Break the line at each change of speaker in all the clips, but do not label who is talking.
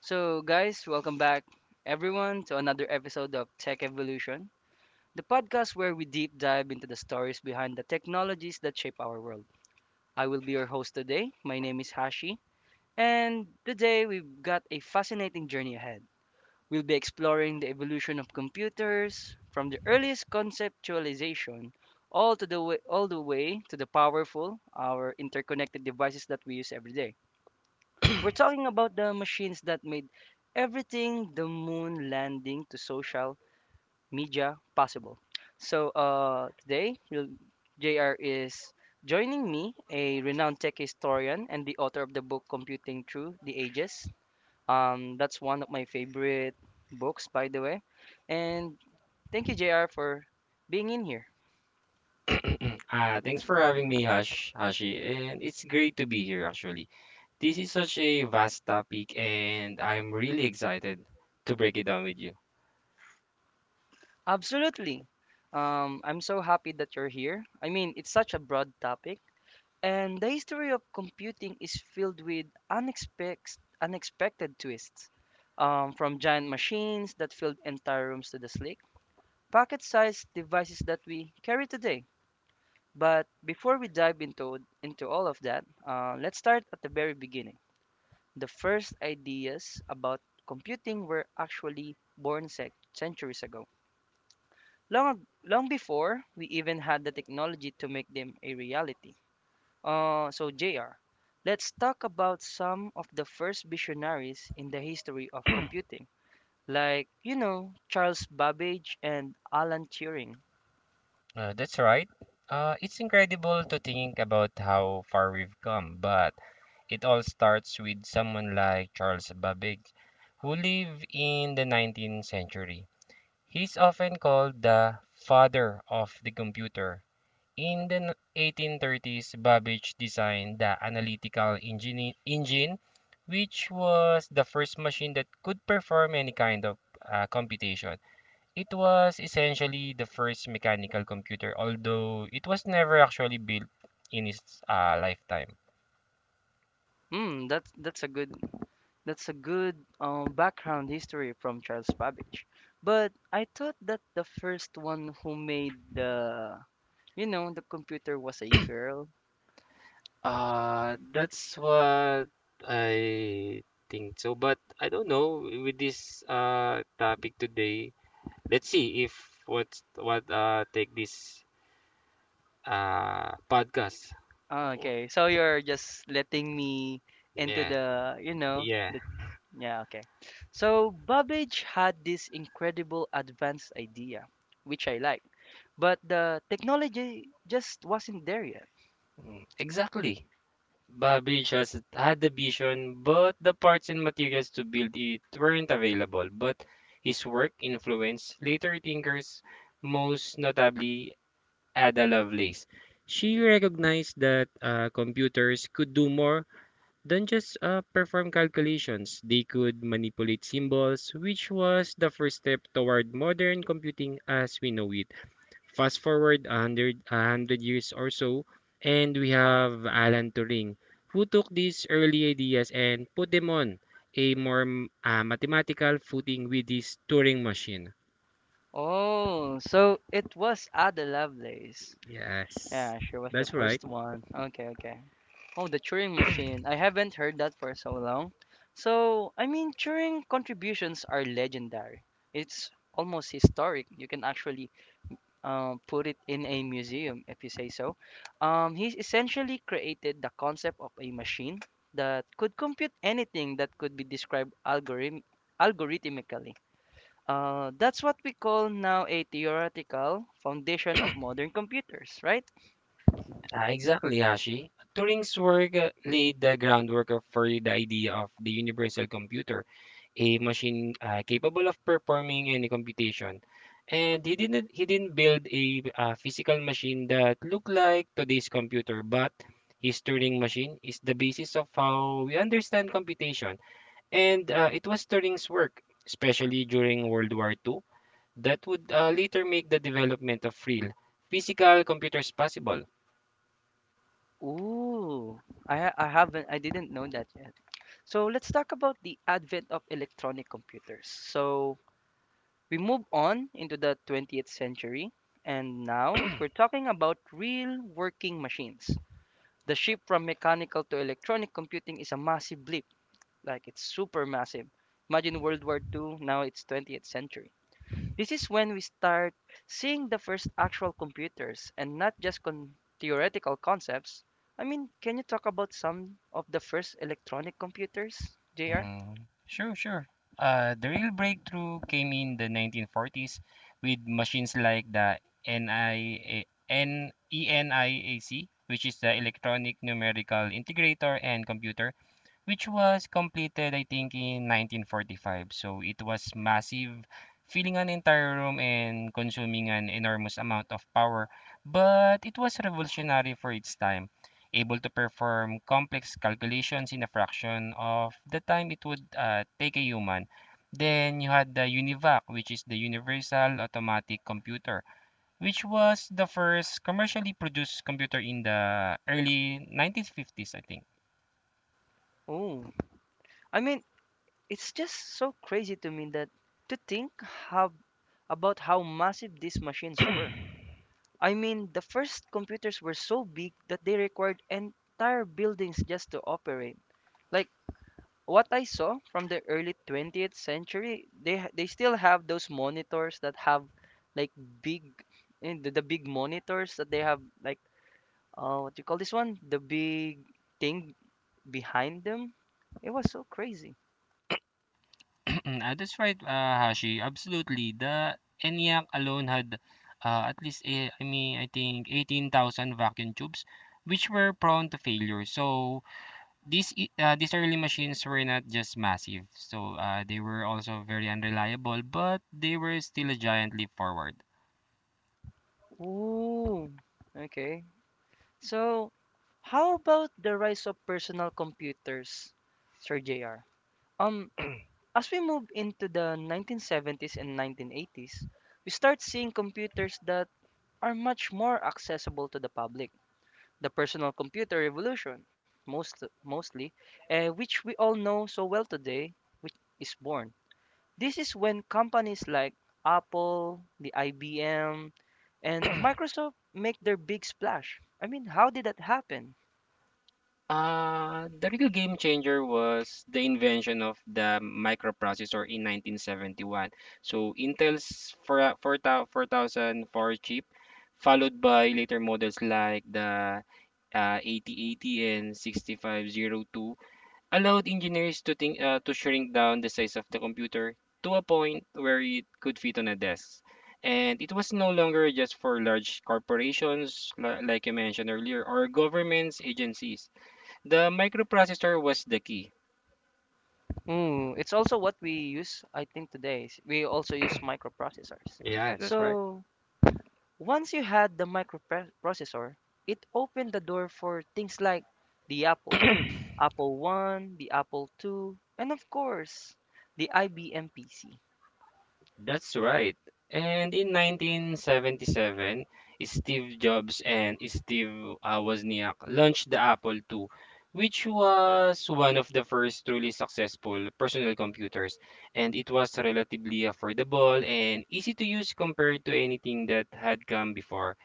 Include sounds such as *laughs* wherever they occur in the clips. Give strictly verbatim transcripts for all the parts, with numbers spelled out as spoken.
So, guys, welcome back, everyone, to another episode of Tech Evolution, the podcast where we deep dive into the stories behind the technologies that shape our world. I will be your host today. My name is Hashi, and today we've got a fascinating journey ahead. We'll be exploring the evolution of computers from the earliest conceptualization all to the way, all the way to the powerful, our interconnected devices that we use every day. We're talking about the machines that made everything the moon landing to social media possible. So uh, today, you'll- J R is joining me, a renowned tech historian and the author of the book Computing Through the Ages. Um, that's one of my favorite books, by the way. And thank you, J R, for being in here.
Mm, Uh, thanks for having me, Hush, Hashi, and it's great to be here actually. This is such a vast topic, and I'm really excited to break it down with you.
Absolutely. Um, I'm so happy that you're here. I mean, it's such a broad topic, and the history of computing is filled with unexpected, unexpected twists, um, from giant machines that filled entire rooms to the sleek, pocket sized devices that we carry today. But before we dive into, into all of that, uh, let's start at the very beginning. The first ideas about computing were actually born sec- centuries ago, long, long before we even had the technology to make them a reality. Uh, so, J R, let's talk about some of the first visionaries in the history of computing, like, you know, Charles Babbage and Alan Turing.
Uh, that's right. Uh, it's incredible to think about how far we've come, but it all starts with someone like Charles Babbage, who lived in the nineteenth century. He's often called the father of the computer. In the eighteen thirties, Babbage designed the analytical engine, engine, which was the first machine that could perform any kind of uh, computation. It was essentially the first mechanical computer, although it was never actually built in its uh, lifetime.
Hmm, that's that's a good that's a good uh, background history from Charles Babbage. But I thought that the first one who made the you know the computer was a girl.
Uh, that's what I think so, but I don't know with this uh, topic today. Let's see if what's what uh, take this uh podcast
Ah,
or
okay, so you're just letting me into
yeah
the you know
yeah.
the. Yeah, okay. So Babbage had this incredible advanced idea, which I like, but the technology just wasn't there yet.
Mm, Exactly. Babbage has had the vision, but the parts and materials to build it weren't available. But his work influenced later thinkers, most notably Ada Lovelace. She recognized that uh, computers could do more than just uh, perform calculations. They could manipulate symbols, which was the first step toward modern computing as we know it. Fast forward a hundred a hundred years or so, and we have Alan Turing, who took these early ideas and put them on a more m- uh, mathematical footing with his Turing machine.
Oh, so it was Ada Lovelace.
Yes,
Yeah, she was the
that's right.
first one. Okay, okay. Oh, the Turing machine. I haven't heard that for so long. So, I mean, Turing contributions are legendary. It's almost historic. You can actually uh, put it in a museum, if you say so. Um, he's essentially created the concept of a machine that could compute anything that could be described algorithm algorithmically. Uh, that's what we call now a theoretical foundation of modern computers, right?
Uh, exactly, Hashi. Turing's work uh, laid the groundwork of- for the idea of the universal computer, a machine uh, capable of performing any computation. And he didn't he didn't build a uh, physical machine that looked like today's computer, but his Turing machine is the basis of how we understand computation. And uh, it was Turing's work, especially during World War two, that would uh, later make the development of real physical computers possible.
Ooh, I, ha- I haven't, I didn't know that yet. So let's talk about the advent of electronic computers. So We move on into the twentieth century, and now we're talking about real working machines. The shift from mechanical to electronic computing is a massive leap, like it's super massive. Imagine World War Two, now it's twentieth century. This is when we start seeing the first actual computers and not just con- theoretical concepts. I mean, can you talk about some of the first electronic computers, J R?
Mm, sure, sure. Uh, the real breakthrough came in the nineteen forties with machines like the N I A, N, ENIAC, which is the Electronic Numerical Integrator and Computer, which was completed, I think, in nineteen forty-five. So it was massive, filling an entire room and consuming an enormous amount of power, but it was revolutionary for its time, able to perform complex calculations in a fraction of the time it would uh, take a human. Then you had the UNIVAC, which is the Universal Automatic Computer, which was the first commercially produced computer in the early nineteen fifties, I think.
Oh, I mean, it's just so crazy to me that to think how about how massive these machines were. I mean, the first computers were so big that they required entire buildings just to operate. Like what I saw from the early twentieth century, they ha- they still have those monitors that have like big in the, the big monitors that they have like uh what do you call this one? The big thing behind them. It was so crazy.
*clears throat* Uh, that's right, uh, Hashi. Absolutely. The ENIAC alone had uh, at least, eh, I mean, I think eighteen thousand vacuum tubes, which were prone to failure. So these e- uh, these early machines were not just massive. So uh, they were also very unreliable, but they were still a giant leap forward.
Ooh. Okay. So how about the rise of personal computers, Sir J R? Um, as we move into the nineteen seventies and nineteen eighties, we start seeing computers that are much more accessible to the public. The personal computer revolution, most, mostly, uh, which we all know so well today, which is born. This is when companies like Apple, the I B M, and Microsoft make their big splash. I mean, how did that happen?
Uh, the real game changer was the invention of the microprocessor in nineteen seventy-one. So Intel's four, four, four thousand four chip, followed by later models like the uh, eighty eighty and sixty-five oh two, allowed engineers to think uh, to shrink down the size of the computer to a point where it could fit on a desk. And it was no longer just for large corporations, li- like you mentioned earlier, or governments agencies. The microprocessor was the key.
Mm, it's also what we use, I think, today. Is We also use microprocessors.
Yeah, that's right.
So once you had the microprocessor, it opened the door for things like the Apple, Apple One, the Apple Two, and of course, the I B M P C.
That's right. And in nineteen seventy-seven, Steve Jobs and Steve uh, Wozniak launched the Apple the second, which was one of the first truly successful personal computers. And it was relatively affordable and easy to use compared to anything that had come before.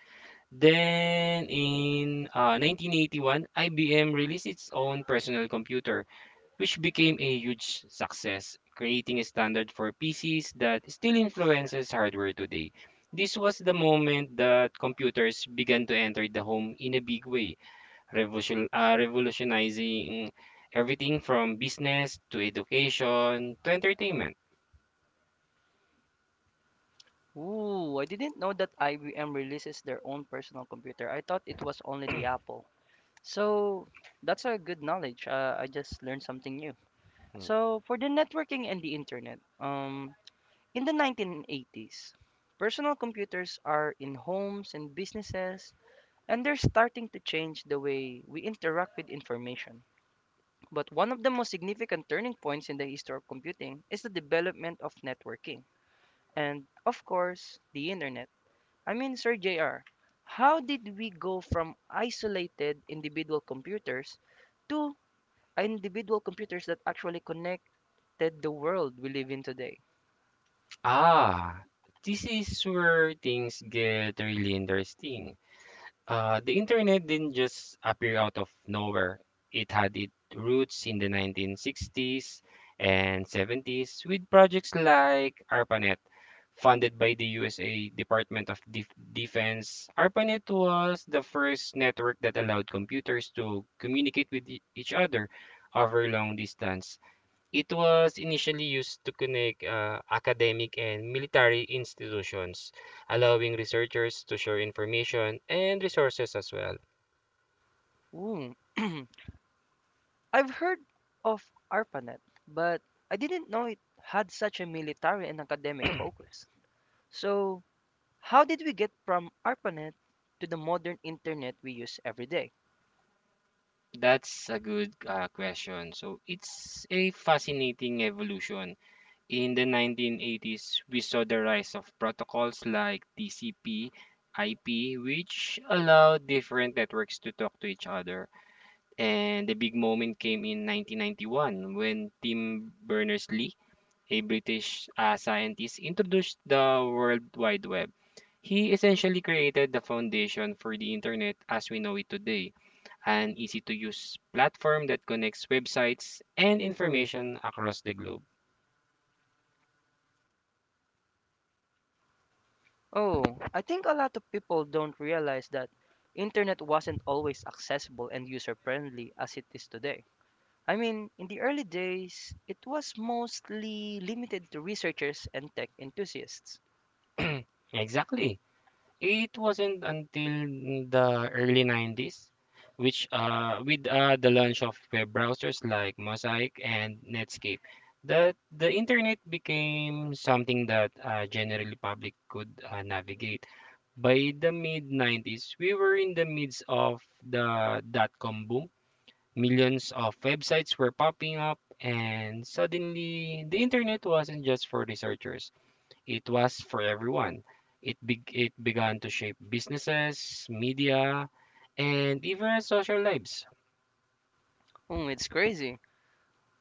Then in uh, nineteen eighty-one, I B M released its own personal computer, which became a huge success, creating a standard for P Cs that still influences hardware today. This was the moment that computers began to enter the home in a big way, revolution, uh, revolutionizing everything from business to education to entertainment.
Ooh, I didn't know that I B M releases their own personal computer. I thought it was only the Apple. So that's a good knowledge. Uh, I just learned something new. So for the networking and the internet, um, in the nineteen eighties, personal computers are in homes and businesses, and they're starting to change the way we interact with information. But one of the most significant turning points in the history of computing is the development of networking, and of course, the internet. I mean, Sir J R, how did we go from isolated individual computers to individual computers that actually connected the world we live in today?
Ah, this is where things get really interesting. Uh, the internet didn't just appear out of nowhere. It had its roots in the nineteen sixties and seventies with projects like ARPANET, funded by the U S A Department of Def Defense. ARPANET was the first network that allowed computers to communicate with e- each other over long distance. It was initially used to connect uh, academic and military institutions, allowing researchers to share information and resources as well.
Ooh. *clears throat* I've heard of ARPANET, but I didn't know it had such a military and academic focus. So, how did we get from ARPANET to the modern internet we use every day?
That's a good uh, question. So it's a fascinating evolution. In the nineteen eighties, we saw the rise of protocols like T C P, I P, which allowed different networks to talk to each other. And the big moment came in nineteen ninety-one when Tim Berners-Lee, a British uh, scientist, introduced the World Wide Web. He essentially created the foundation for the internet as we know it today, an easy to use platform that connects websites and information across the globe.
Oh, I think a lot of people don't realize that internet wasn't always accessible and user-friendly as it is today. I mean, in the early days, it was mostly limited to researchers and tech enthusiasts.
Exactly. It wasn't until the early nineties, which uh, with uh, the launch of web browsers like Mosaic and Netscape, that the internet became something that uh, generally public could uh, navigate. By the mid nineties, we were in the midst of the dot-com boom. Millions of websites were popping up, and suddenly the internet wasn't just for researchers. It was for everyone. It beg it began to shape businesses, media, and even social lives.
Hmm, it's crazy.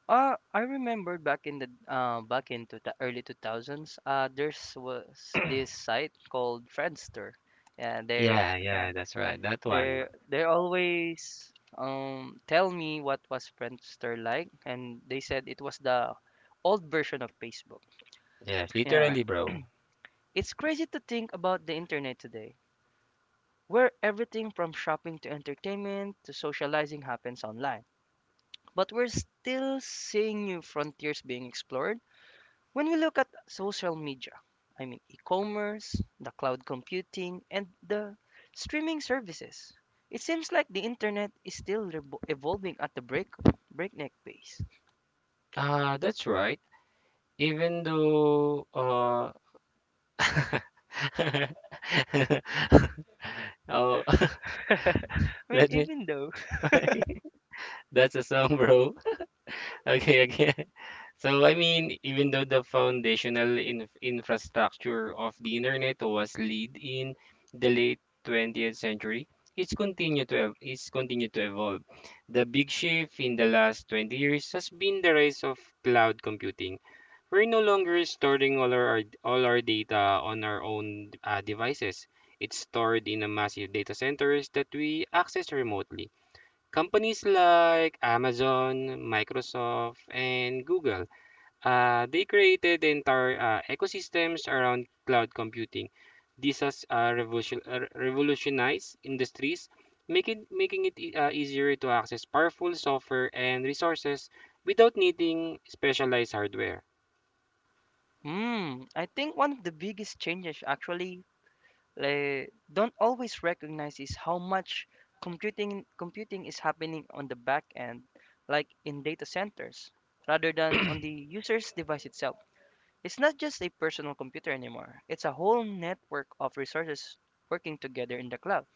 Uh, I remember back in the uh, back into the early two thousands, uh, there's was this site called Friendster, and they
Yeah,
yeah,
yeah, that's right. That one,
they
bro.
they always um tell me what was Friendster like, and they said it was the old version of Facebook.
Yes,
Yeah,
literally, bro.
it's crazy to think about the internet today, where everything from shopping to entertainment to socializing happens online. But we're still seeing new frontiers being explored. When we look at social media, I mean e commerce, the cloud computing, and the streaming services, it seems like the internet is still revo- evolving at the break- breakneck pace.
Uh, that's right. Even though uh *laughs* oh, *laughs*
*laughs* I mean,
let me
even though *laughs*
that's a song, bro. *laughs* Okay, again. So, I mean, even though the foundational in infrastructure of the internet was laid in the late twentieth century, it's continued to ev- it's continued to evolve. The big shift in the last twenty years has been the rise of cloud computing. We're no longer storing all our d- all our data on our own uh, devices. It's stored in a massive data centers that we access remotely. Companies like Amazon, Microsoft, and Google uh, they created the entire uh, ecosystems around cloud computing. This has uh, revolution, uh, revolutionized industries, making making it e- uh, easier to access powerful software and resources without needing specialized hardware.
Hmm, I think one of the biggest changes actually, like, don't always recognize is how much computing computing is happening on the back end, like in data centers, rather than on the user's device itself. It's not just a personal computer anymore. It's a whole network of resources working together in the cloud.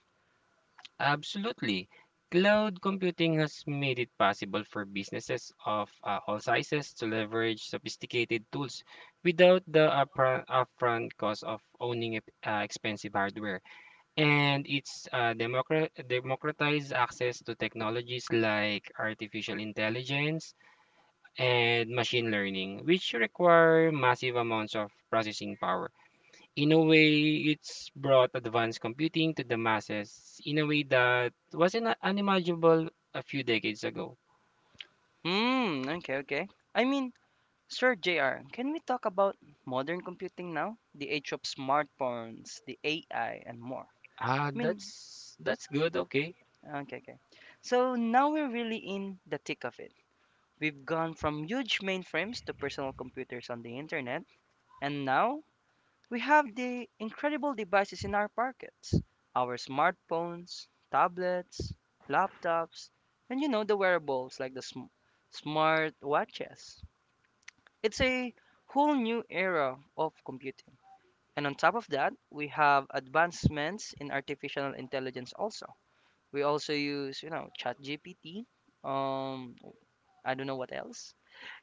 Absolutely. Cloud computing has made it possible for businesses of uh, all sizes to leverage sophisticated tools without the upfront, upfront cost of owning ep- uh, expensive hardware. And it's uh, democra democratized access to technologies like artificial intelligence and machine learning, which require massive amounts of processing power. In a way, it's brought advanced computing to the masses in a way that wasn't uh, unimaginable a few decades ago.
Hmm, okay, okay. I mean, Sir J R, can we talk about modern computing now? The age of smartphones, the A I, and more.
Ah,
I mean,
that's that's good, okay.
okay, okay. So now we're really in the thick of it. We've gone from huge mainframes to personal computers on the internet, and now we have the incredible devices in our pockets, our smartphones, tablets, laptops, and you know the wearables like the sm- smart watches. It's a whole new era of computing. And on top of that, we have advancements in artificial intelligence also. We also use, you know, ChatGPT, um, I don't know what else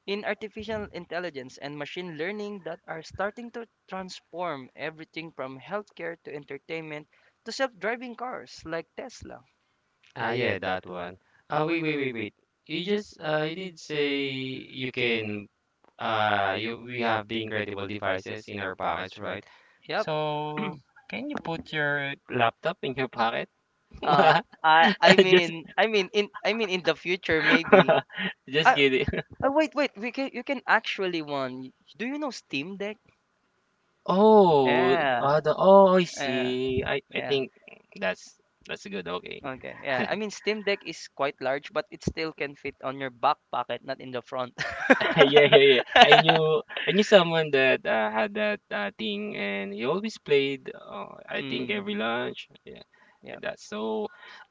in artificial intelligence and machine learning that are starting to transform everything from healthcare to entertainment to self-driving cars like Tesla.
Ah, yeah, that one. Ah, wait, wait, wait, wait. You just uh, you did say you can uh you we have the incredible devices in our pockets, right?
Yep.
So
*clears throat*
can you put your laptop in your pocket?
Uh,
*laughs*
I I
Just
mean I mean in I mean in the future maybe.
*laughs* just
I,
kidding.
I wait wait we can you can actually one. Do you know Steam Deck?
Oh,
Yeah,
uh, the, oh, I
yeah,
see. I I
yeah.
think that's that's good. Okay.
Okay, yeah. I
*laughs*
mean, Steam Deck is quite large, but it still can fit on your back pocket, not in the front.
Yeah, yeah, yeah. I
*laughs*
knew I knew someone that uh, had that uh, thing, and he always played. Uh, I think every
Mm,
lunch, yeah.
yeah.
That so,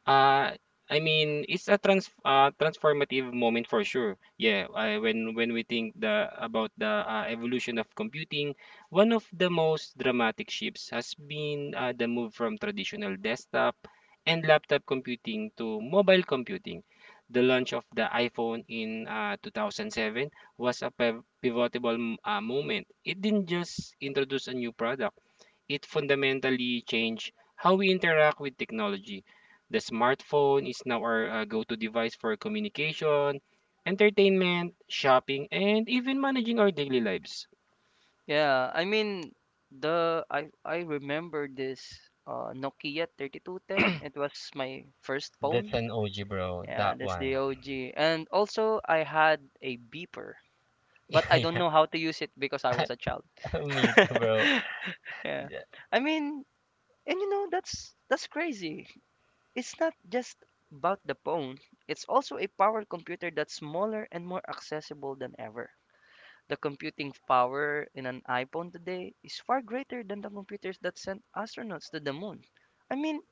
uh, I mean, it's a trans uh, transformative moment for sure. Yeah, I, when when we think the about the uh, evolution of computing, one of the most dramatic shifts has been uh, the move from traditional desktop and laptop computing to mobile computing. The launch of the iPhone in uh, two thousand seven was a piv- pivotal m- uh, moment. It didn't just introduce a new product, it fundamentally changed how we interact with technology. The smartphone is now our uh, go to device for communication, entertainment, shopping, and even managing our daily lives.
Yeah, I mean the I I remember this uh Nokia thirty-two ten. It was my first
That's
phone.
an OG, bro.
Yeah,
That
that's
one.
the O G. And also I had a beeper, but
*laughs*
I don't
Yeah,
know how to use it because I was a child.
me too,
*laughs*
bro.
Yeah. I mean, and you know that's that's crazy. It's not just about the phone. It's also a power computer that's smaller and more accessible than ever. The computing power in an iPhone today is far greater than the computers that sent astronauts to the moon. I mean,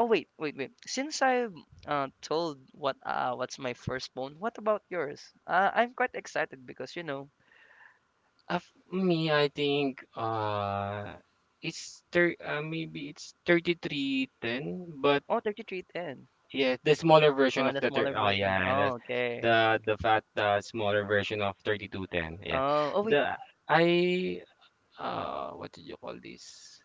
oh wait, wait, wait. Since I uh, Told what uh, what's my first phone, what about yours? Uh, I'm quite excited because you know,
Uh, f- me, I think uh, it's thir- uh, maybe it's thirty-three ten, but
oh thirty-three ten,
yeah, the smaller version
oh
of
the
the thir-
smaller
oh
version.
yeah,
Oh
that's
okay.
the the fat uh, smaller version of thirty-two ten. Yeah,
Oh, oh wait.
the I uh what did you call this?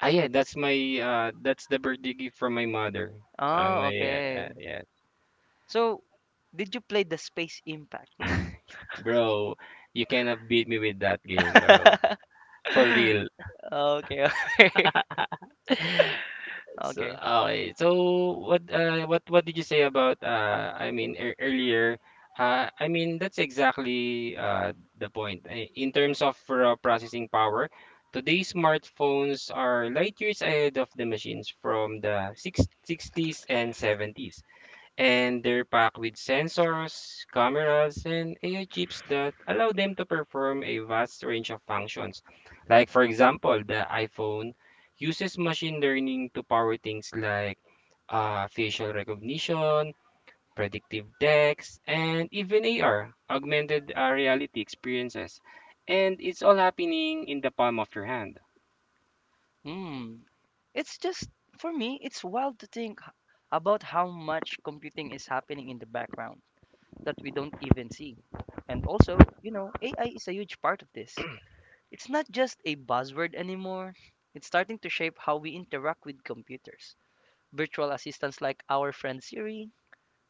Ah yeah, that's my uh that's the birthday gift from my mother. Uh,
Oh,
my uh,
okay.
yeah,
So, did you play the Space Impact though?
bro, you cannot beat me with that game, bro.
*laughs*
For
okay,
real.
okay, *laughs*
So,
okay.
okay. So what uh what what did you say about uh I mean ear earlier? Uh, I mean that's exactly uh the point. I- In terms of raw processing power, today's smartphones are light years ahead of the machines from the six sixties and seventies, and they're packed with sensors, cameras, and A I chips that allow them to perform a vast range of functions. Like, for example, the iPhone uses machine learning to power things like uh, facial recognition, predictive text, and even A R, augmented uh, reality experiences. And it's all happening in the palm of your hand.
Hmm. It's just, for me, it's wild to think h- about how much computing is happening in the background that we don't even see. And also, you know, A I is a huge part of this. It's not just a buzzword anymore, it's starting to shape how we interact with computers. Virtual assistants like our friend Siri,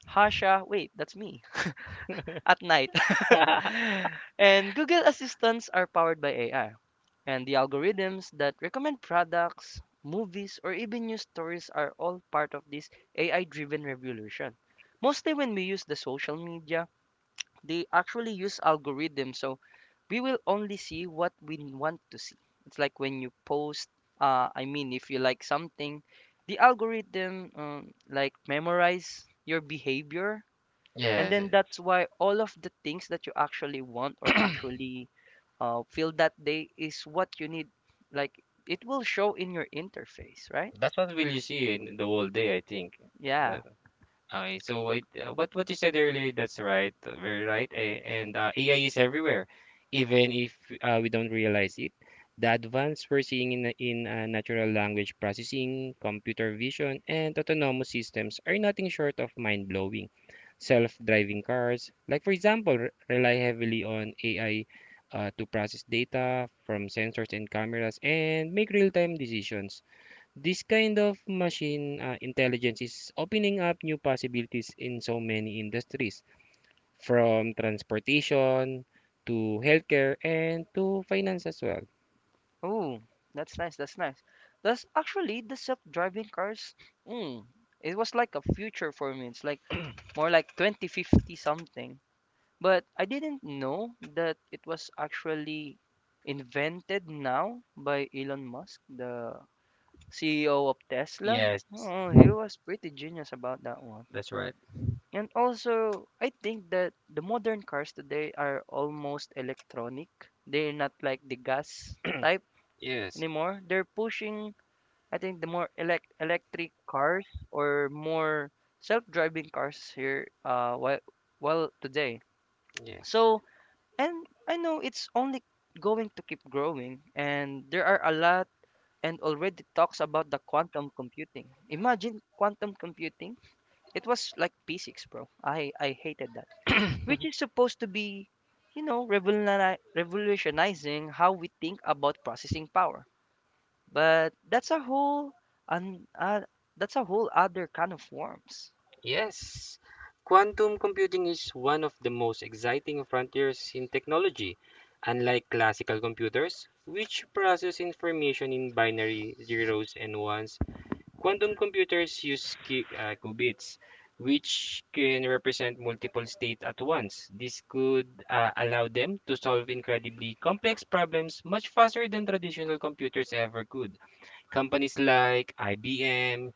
Hasha, wait, that's me, *laughs* at night. *laughs* and Google Assistants are powered by A I. And the algorithms that recommend products, movies, or even news stories are all part of this A I driven revolution. Mostly when we use the social media, they actually use algorithms, so we will only see what we want to see. It's like when you post, uh, I mean, if you like something, the algorithm um, like memorize your behavior, and
Yes,
then that's why all of the things that you actually want or actually uh, feel that day is what you need. Like it will show in your interface, right?
that's what will you see in the whole day, I think.
Yeah.
That, Okay, so it, uh, what what you said earlier, that's right, uh, very right. a- And uh, A I is everywhere, even if uh, we don't realize it. The advance we're seeing in in uh, natural language processing, computer vision, and autonomous systems are nothing short of mind-blowing. Self-driving cars, like for example, re- rely heavily on A I uh, to process data from sensors and cameras and make real-time decisions. This kind of machine uh, intelligence is opening up new possibilities in so many industries, from transportation to healthcare and to finance as well.
Ooh, that's nice. That's nice. That's actually the self-driving cars. Mm, it was like a future for me. It's like more like twenty fifty something. But I didn't know that it was actually invented now by Elon Musk, the C E O of Tesla.
Yes,
Oh, he was pretty genius about that one.
that's right.
And also, I think that the modern cars today are almost electronic. They're not like the gas type
Yes,
anymore. They're pushing, I think, the more elect electric cars or more self-driving cars here uh while well today.
yes,
So, and I know it's only going to keep growing and there are a lot and already talks about the quantum computing. Imagine quantum computing. It was like physics, bro. I I hated that, which is supposed to be, you know, revoluni- revolutionizing how we think about processing power. But that's a whole and uh, that's a whole other kind of worms.
yes. Quantum computing is one of the most exciting frontiers in technology. Unlike classical computers, which process information in binary zeros and ones, quantum computers use qu- uh, qubits, which can represent multiple states at once. This could uh, allow them to solve incredibly complex problems much faster than traditional computers ever could. Companies like I B M,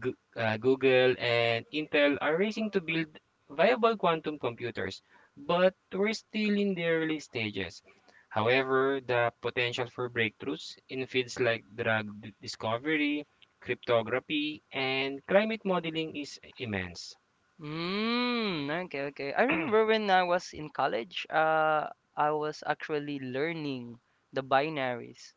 Goo- uh, Google and Intel are racing to build viable quantum computers, but we're still in the early stages. However, the potential for breakthroughs in fields like drug d- discovery, cryptography, and climate modeling is immense.
Mm, okay, okay. I remember when I was in college, uh, I was actually learning the binaries,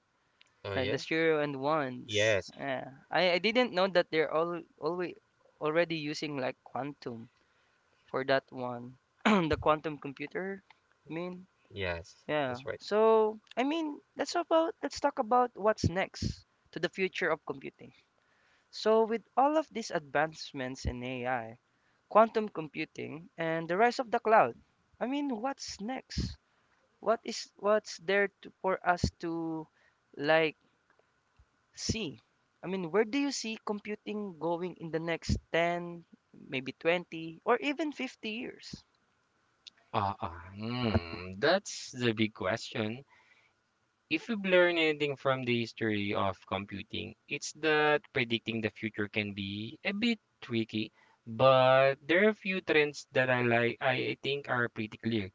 Oh
like
yeah.
the zero and ones.
Yes,
Yeah. I, I didn't know that they're all always already using like quantum for that one, *clears throat* the quantum computer. I mean,
yes,
yeah.
that's right.
So, I mean, let's about let's talk about what's next to the future of computing. So, with all of these advancements in A I, quantum computing, and the rise of the cloud, I mean, what's next? What is what's there to, for us to, like, see? I mean, where do you see computing going in the next ten, maybe twenty, or even fifty years?
Ah, uh, hmm, that's the big question. If we've learned anything from the history of computing, it's that predicting the future can be a bit tricky, but there are a few trends that I like I I think are pretty clear.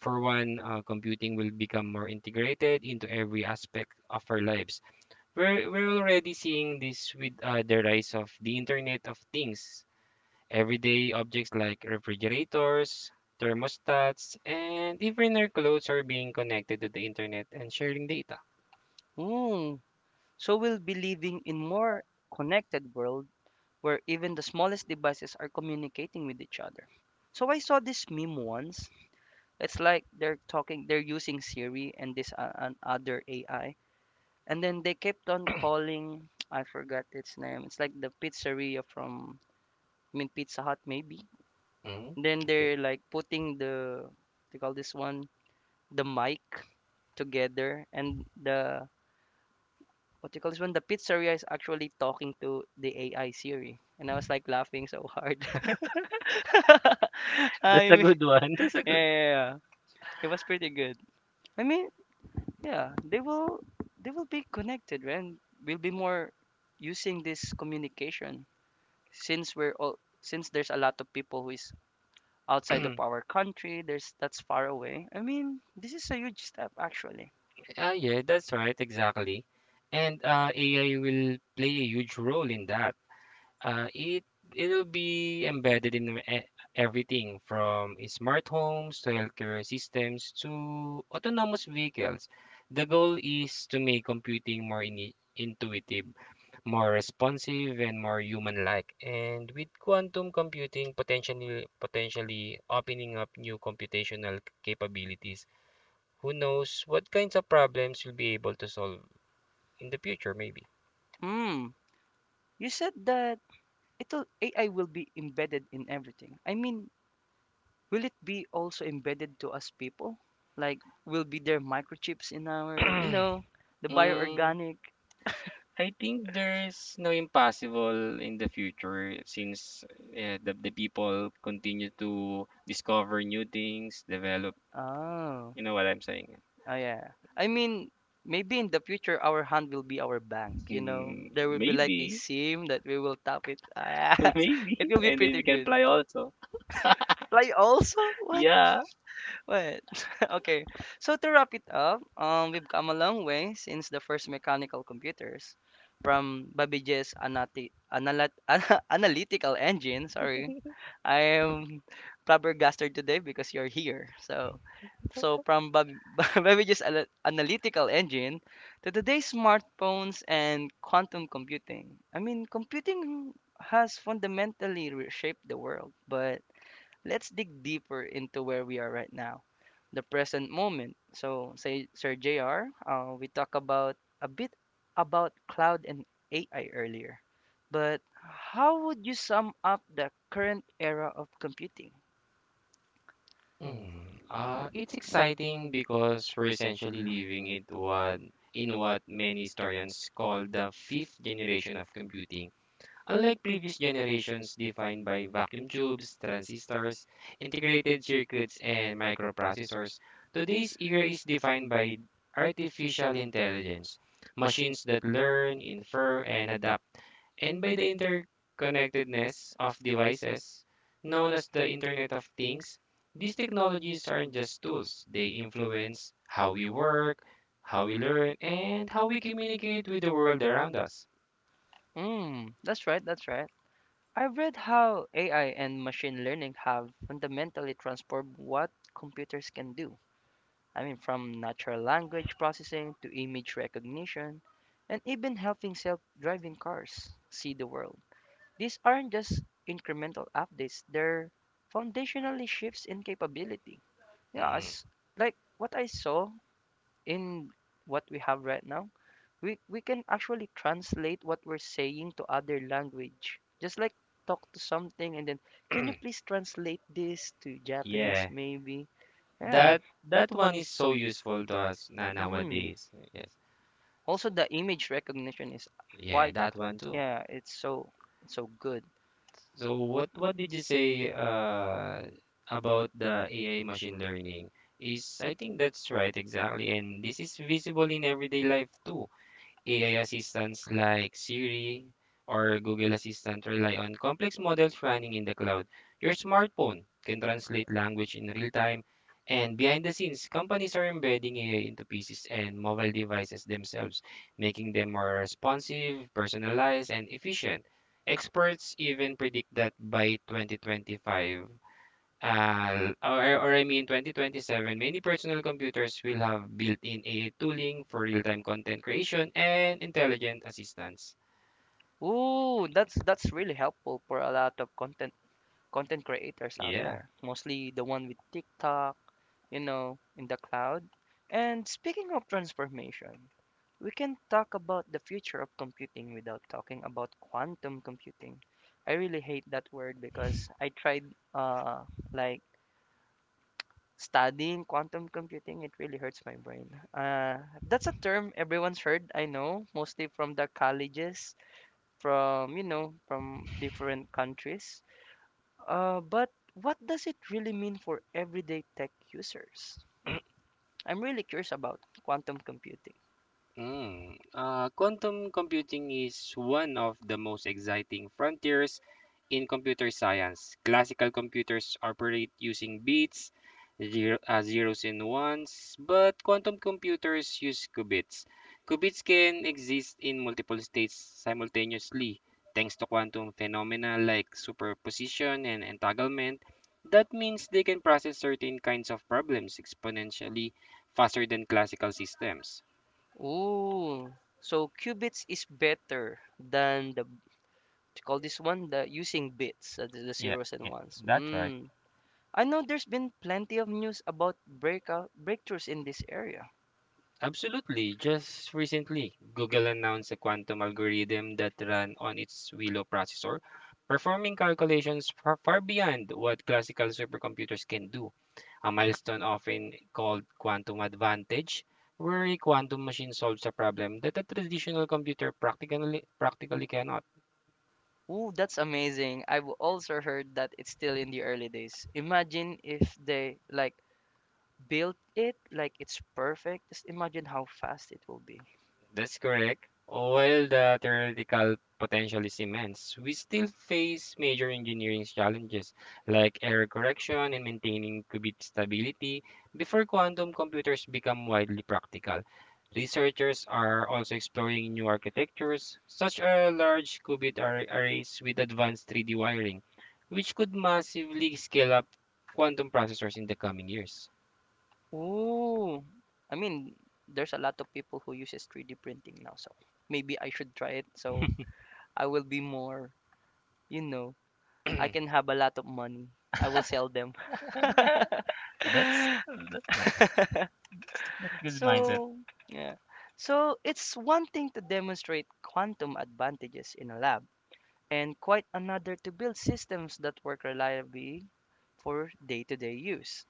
For one, uh, computing will become more integrated into every aspect of our lives. We're, we're already seeing this with uh, the rise of the Internet of Things. Everyday objects like refrigerators, thermostats, and even our clothes are being connected to the internet and sharing data.
Hmm. So we'll be living in more connected world where even the smallest devices are communicating with each other. So I saw this meme once. It's like they're talking, they're using Siri and this uh, an other A I, and then they kept on calling. *tsk* I forgot its name. It's like the pizzeria from, I mean Pizza Hut maybe.
Mm,
Then
okay.
they're like putting the, they call this one the mic together, and the what you call this one, the pizzeria is actually talking to the A I Siri, and I was like laughing so hard. *laughs*
*laughs*
I
That's a
mean,
good one. That's a good.
yeah, yeah, yeah. It was pretty good. I mean, yeah, they will they will be connected, right? And we'll be more using this communication since we're all since there's a lot of people who is outside of our country, there's that's far away. I mean, this is a huge step actually.
Ah, yeah, that's right, exactly. And uh, A I will play a huge role in that. Uh, it It'll be embedded in e- everything from smart homes to healthcare systems to autonomous vehicles. The goal is to make computing more ini intuitive, more responsive, and more human-like. And with quantum computing potentially potentially opening up new computational capabilities. Who knows what kinds of problems you'll be able to solve in the future, maybe.
Hmm. You said that it'll, A I will be embedded in everything. I mean, will it be also embedded to us people? Like will be there microchips in our, you know, the
Mm,
bioorganic?
I think there's no impossible in the future since uh, the, the people continue to discover new things, develop.
Oh.
You know what I'm saying?
Oh yeah. I mean, maybe in the future our hand will be our bank, you know.
Hmm,
There will be like a
maybe,
SIM that we will tap it. Ah,
*laughs*
*laughs*
maybe,
it will be
and then
pretty
we can
good.
apply also.
Fly also? What?
Yeah.
What? *laughs* Okay. So to wrap it up, um, we've come a long way since the first mechanical computers from Babeje's anati- analat- *laughs* analytical engine, sorry, I am flabbergasted today because you're here. So, so from Bab- *laughs* Babbage's ana- analytical engine to today's smartphones and quantum computing. I mean, computing has fundamentally reshaped the world, but let's dig deeper into where we are right now, the present moment. So, say, Sir J R, uh, we talked about a bit about cloud and A I earlier, but how would you sum up the current era of computing?
Mm, uh, it's exciting because we're essentially living it what in what many historians call the fifth generation of computing. Unlike previous generations defined by vacuum tubes, transistors, integrated circuits, and microprocessors, today's era is defined by artificial intelligence, machines that learn, infer, and adapt, and by the interconnectedness of devices known as the Internet of Things. These technologies aren't just tools, they influence how we work, how we learn, and how we communicate with the world around us.
Mm, that's right, that's right. I've read how A I and machine learning have fundamentally transformed what computers can do. I mean, from natural language processing to image recognition and even helping self driving cars see the world. These aren't just incremental updates, they're foundationally shifts in capability. Yeah,
Mm,
it's like what I saw in what we have right now, we, we can actually translate what we're saying to other language. Just like talk to something and then, can you please translate this to Japanese
yeah.
maybe? Yeah.
That that one is so useful to us na
Mm.
nowadays. Yes.
Also,
S-
the image recognition is
Yeah,
quite,
that one too.
yeah, it's so, it's so good.
So what what did you say uh about the A I machine learning? Is I think that's right exactly and this is visible in everyday life too. A I assistants like Siri or Google Assistant rely on complex models running in the cloud. Your smartphone can translate language in real time, and behind the scenes, companies are embedding A I into P Cs and mobile devices themselves, making them more responsive, personalized, and efficient. Experts even predict that by twenty twenty-five, uh, or, or I mean twenty twenty-seven, many personal computers will have built-in A I tooling for real-time content creation and intelligent assistance.
Ooh, that's that's really helpful for a lot of content content creators out
Yeah.
there. Mostly the one with TikTok, you know, in the cloud. And speaking of transformation, we can talk about the future of computing without talking about quantum computing. I really hate that word because I tried uh like studying quantum computing, it really hurts my brain. Uh, that's a term everyone's heard, I know, mostly from the colleges, from, you know, from different countries. Uh, but what does it really mean for everyday tech users? I'm really curious about quantum computing.
Mm. Uh, quantum computing is one of the most exciting frontiers in computer science. Classical computers operate using bits, zero, uh, zeros and ones, but quantum computers use qubits. Qubits can exist in multiple states simultaneously thanks to quantum phenomena like superposition and entanglement. That means they can process certain kinds of problems exponentially faster than classical systems.
Ooh, so qubits is better than the, call this one the using bits, uh, the, the
Yeah,
zeros and
yeah,
ones.
that's right.
Mm. I know there's been plenty of news about breakout breakthroughs in this area.
Absolutely. Just recently, Google announced a quantum algorithm that ran on its Willow processor, performing calculations far, far beyond what classical supercomputers can do. A milestone often called quantum advantage, where a quantum machine solves a problem that a traditional computer practically practically cannot.
Ooh, that's amazing. I've also heard that it's still in the early days. Imagine if they like built it like it's perfect. Just imagine how fast it will be.
That's correct. While the theoretical potential is immense, we still face major engineering challenges like error correction and maintaining qubit stability before quantum computers become widely practical. Researchers are also exploring new architectures, such as large qubit arra- arrays with advanced three D wiring, which could massively scale up quantum processors in the coming years.
Ooh. I mean, there's a lot of people who uses three D printing now, so maybe I should try it so I will be more, you know, I can have a lot of money. I will sell them. *laughs*
That's that's nice. That's, that's good mindset.
So, yeah. So, it's one thing to demonstrate quantum advantages in a lab, and quite another to build systems that work reliably for day to day use.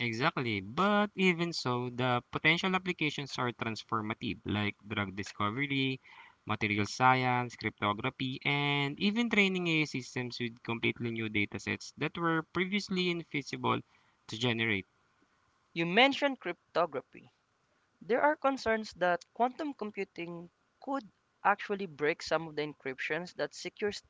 Exactly. But even so, the potential applications are transformative, like drug discovery, material science, cryptography, and even training A I systems with completely new datasets that were previously invisible to generate.
You mentioned cryptography. There are concerns that quantum computing could actually break some of the encryptions that secures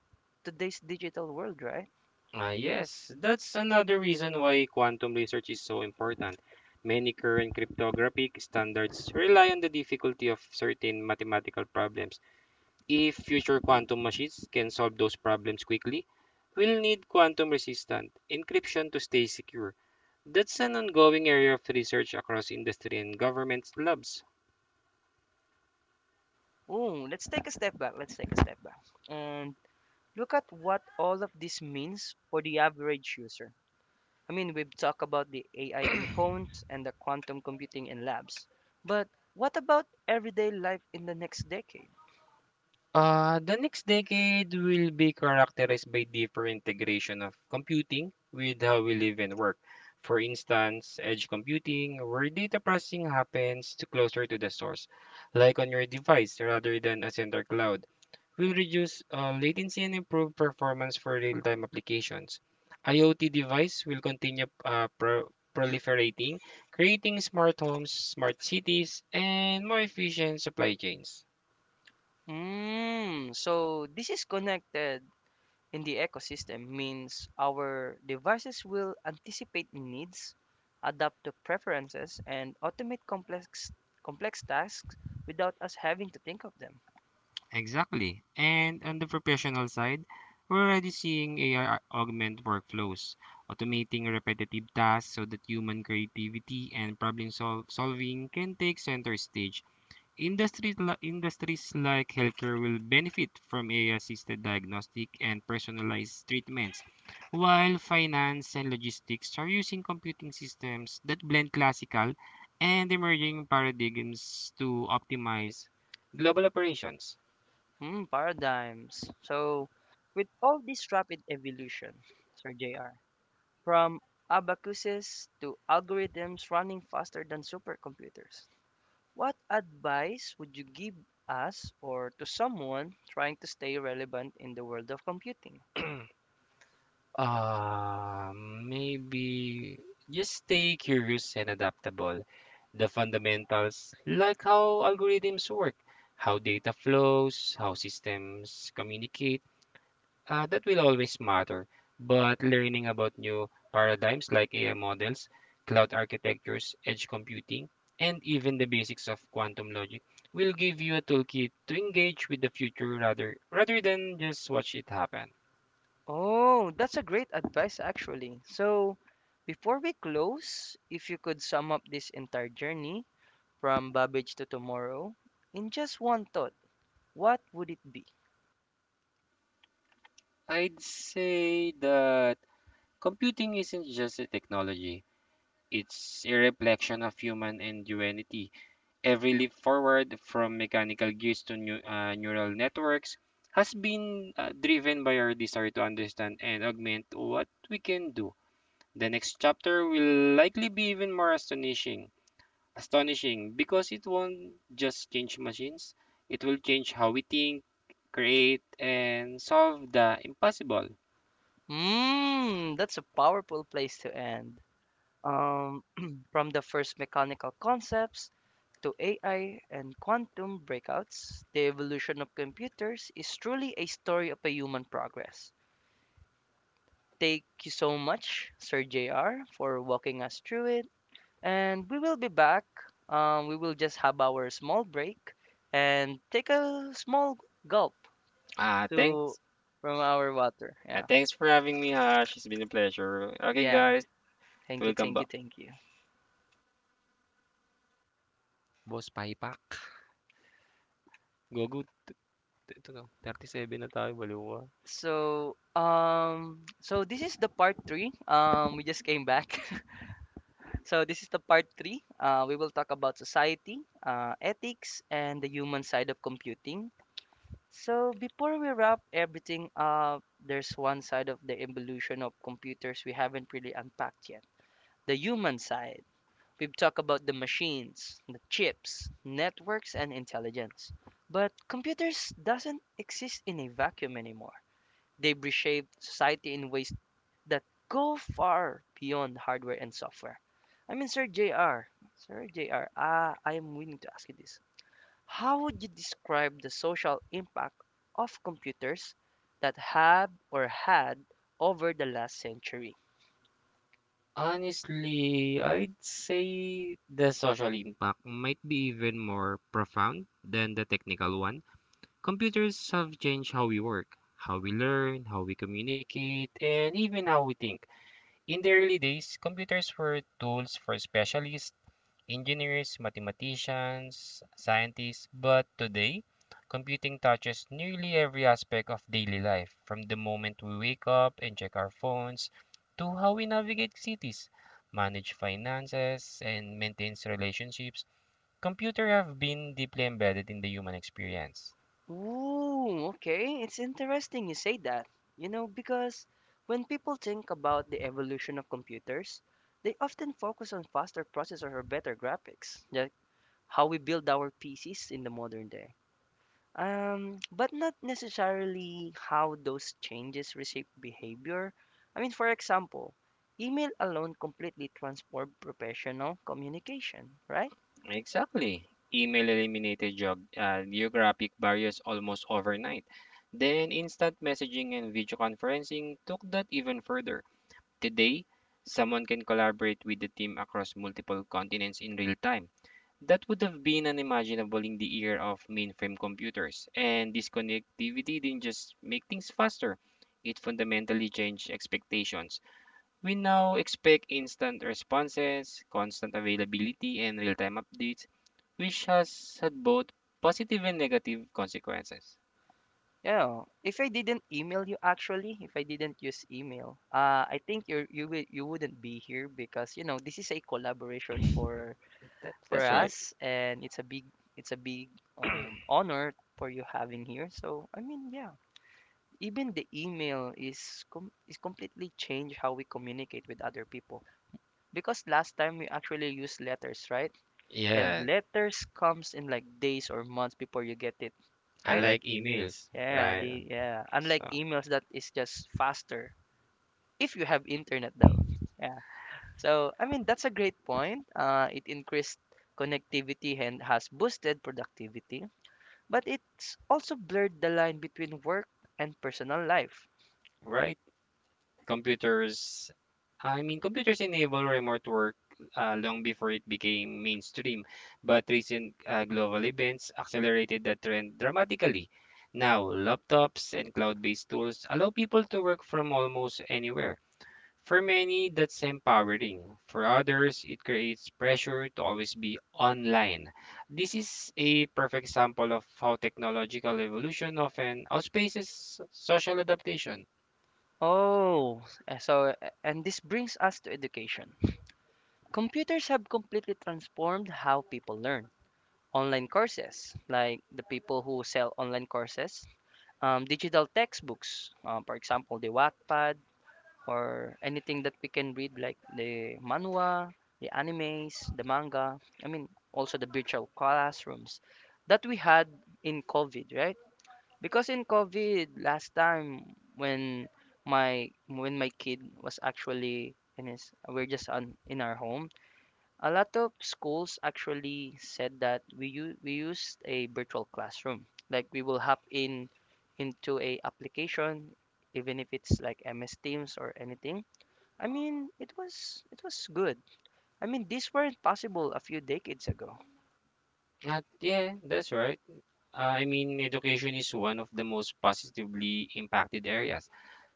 today's digital world, right?
Ah, yes, that's another reason why quantum research is so important. Many current cryptographic standards rely on the difficulty of certain mathematical problems. If future quantum machines can solve those problems quickly, we'll need quantum resistant encryption to stay secure. That's an ongoing area of research across industry and government labs.
Ooh, let's take a step back. Let's take a step back and look at what all of this means for the average user. I mean, we've talked about the A I in phones and the quantum computing in labs. But what about everyday life in the next decade?
Uh, the next decade will be characterized by deeper integration of computing with how we live and work. For instance, edge computing, where data processing happens to closer to the source, like on your device rather than a center cloud, will reduce uh, latency and improve performance for real-time applications. I o T device will continue uh, pro- proliferating, creating smart homes, smart cities, and more efficient supply chains.
Mm, so this is connected in the ecosystem means our devices will anticipate needs, adapt to preferences, and automate complex complex tasks without us having to think of them.
Exactly. And on the professional side, we're already seeing A I augment workflows, automating repetitive tasks so that human creativity and problem sol solving can take center stage. Industries, li- industries like healthcare will benefit from A I-assisted diagnostic and personalized treatments, while finance and logistics are using computing systems that blend classical and emerging paradigms to optimize global operations.
Mm, paradigms. So with all this rapid evolution, Sir J R. From abacuses to algorithms running faster than supercomputers. What advice would you give us or to someone trying to stay relevant in the world of computing?
Uh, maybe just stay curious and adaptable. The fundamentals, like how algorithms work, how data flows, how systems communicate, uh, that will always matter. But learning about new paradigms like A I models, cloud architectures, edge computing, and even the basics of quantum logic will give you a toolkit to engage with the future rather rather than just watch it happen.
Oh, that's a great advice, actually. So, before we close, if you could sum up this entire journey from Babbage to tomorrow in just one thought, what would it be?
I'd say that computing isn't just a technology, it's a reflection of human ingenuity. Every leap forward, from mechanical gears to new, uh, neural networks, has been uh, driven by our desire to understand and augment what we can do. The next chapter will likely be even more astonishing. Astonishing because it won't just change machines, it will change how we think, create, and solve the impossible.
Mmm, that's a powerful place to end. Um, *clears throat* from the first mechanical concepts to A I and quantum breakouts, the evolution of computers is truly a story of a human progress. Thank you so much, Sir J R, for walking us through it. And we will be back. Um, we will just have our small break and take a small gulp
Uh,
to
thanks.
from our water.
And
Yeah.
thanks for having me, Hash. It's been a pleasure. Okay,
Yeah.
guys,
Thank you,
welcome
thank
back.
you, thank you. So, um, so this is the part three. Um, we just came back. *laughs* So this is the part three. Uh, we will talk about society, uh, ethics, and the human side of computing. So before we wrap everything up, there's one side of the evolution of computers we haven't really unpacked yet. The human side. We've talked about the machines, the chips, networks, and intelligence. But computers doesn't exist in a vacuum anymore. They've reshaped society in ways that go far beyond hardware and software. I mean, Sir J R. Sir J R, uh, I am willing to ask you this. How would you describe the social impact of computers that have or had over the last century?
Honestly, I'd say the social impact might be even more profound than the technical one. Computers have changed how we work, how we learn, how we communicate, and even how we think. In the early days, computers were tools for specialists, engineers, mathematicians, scientists, but today, computing touches nearly every aspect of daily life, from the moment we wake up and check our phones to how we navigate cities, manage finances, and maintain relationships. Computers have been deeply embedded in the human experience.
Ooh, okay. It's interesting you say that. You know, because when people think about the evolution of computers, they often focus on faster processors or better graphics, like how we build our P Cs in the modern day. Um, but not necessarily how those changes reshape behavior. I mean, for example, email alone completely transformed professional communication, right?
Exactly. Email eliminated geog- uh, geographic barriers almost overnight. Then instant messaging and video conferencing took that even further. Today, someone can collaborate with the team across multiple continents in real time. That would have been unimaginable in the era of mainframe computers, and this connectivity didn't just make things faster, it fundamentally changed expectations. We now expect instant responses, constant availability, and real time updates, which has had both positive and negative consequences.
You know, if I didn't email you actually, if I didn't use email, uh, I think you you will you wouldn't be here because you know this is a collaboration for
That,
for
that's right.
us, and it's a big, it's a big, um, honor for you having here. So I mean, yeah. Even the email is com- is completely changed how we communicate with other people, because last time we actually used letters, right? And
Yeah,
letters comes in like days or months before you get it, right?
unlike emails,
Yeah,
right?
the, yeah, unlike
So,
emails that is just faster, if you have internet though. Yeah. So I mean, that's a great point, uh, it increased connectivity and has boosted productivity, but it's also blurred the line between work and personal life.
right. Computers I mean, computers enable remote work uh, long before it became mainstream, but recent uh, global events accelerated that trend dramatically. Now, laptops and cloud-based tools allow people to work from almost anywhere. For many, that's empowering. For others, it creates pressure to always be online. This is a perfect example of how technological evolution often outpaces social adaptation.
Oh, uh, so, uh, and this brings us to education. Computers have completely transformed how people learn. Online courses, like the people who sell online courses, um, digital textbooks, uh, for example, the Wattpad, or anything that we can read, like the manhwa, the animes, the manga, I mean, also the virtual classrooms that we had in COVID, right? Because in COVID last time when my when my kid was actually in his, we're just on in our home, a lot of schools actually said that we use we used a virtual classroom. Like we will hop in into a application even if it's like M S Teams or anything. I mean, it was it was good. I mean, these weren't possible a few decades ago.
At yeah, that's right. Uh, I mean, education is one of the most positively impacted areas.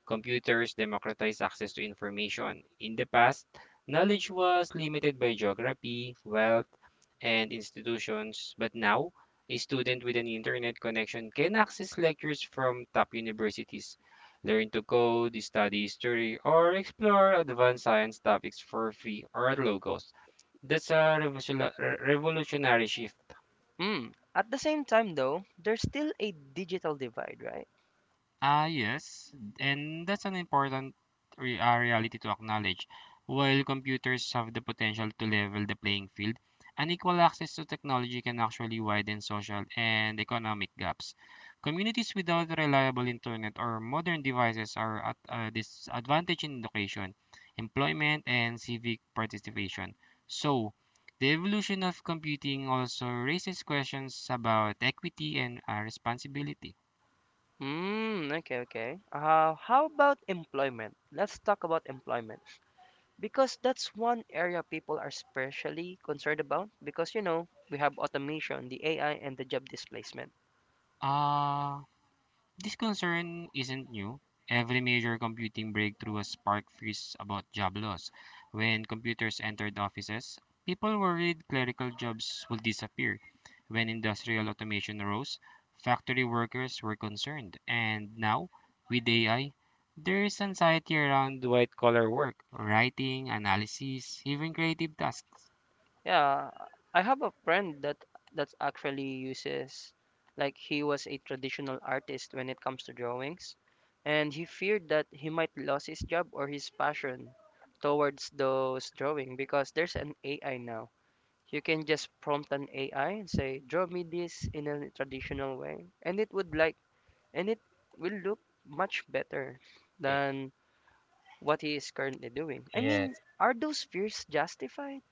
Computers democratize access to information. In the past, knowledge was limited by geography, wealth, and institutions, but now, a student with an internet connection can access lectures from top universities, learn to code, study history, or explore advanced science topics for free or at low cost. That's a revolution- re- revolutionary shift.
Mm. At the same time though, there's still a digital divide, right?
Ah, yes, and that's an important re- uh, reality to acknowledge. While computers have the potential to level the playing field, unequal access to technology can actually widen social and economic gaps. Communities without reliable internet or modern devices are at a disadvantage in education, employment, and civic participation. So, the evolution of computing also raises questions about equity and uh, responsibility.
Hmm. Okay, okay. Uh, how about employment? Let's talk about employment because that's one area people are especially concerned about because you know we have automation, the A I, and the job displacement.
Ah. This concern isn't new. Every major computing breakthrough has sparked fears about job loss. When computers entered offices, people worried clerical jobs would disappear. When industrial automation rose, factory workers were concerned. And now, with A I, there is anxiety around white collar work, writing, analysis, even creative tasks.
Yeah, I have a friend that that's actually uses, like, he was a traditional artist when it comes to drawings, and he feared that he might lose his job or his passion towards those drawing because there's an A I now. You can just prompt an A I and say, draw me this in a traditional way, and it would like, and it will look much better
Y-
than what he is currently doing. I mean,
Yes.
are those fears justified?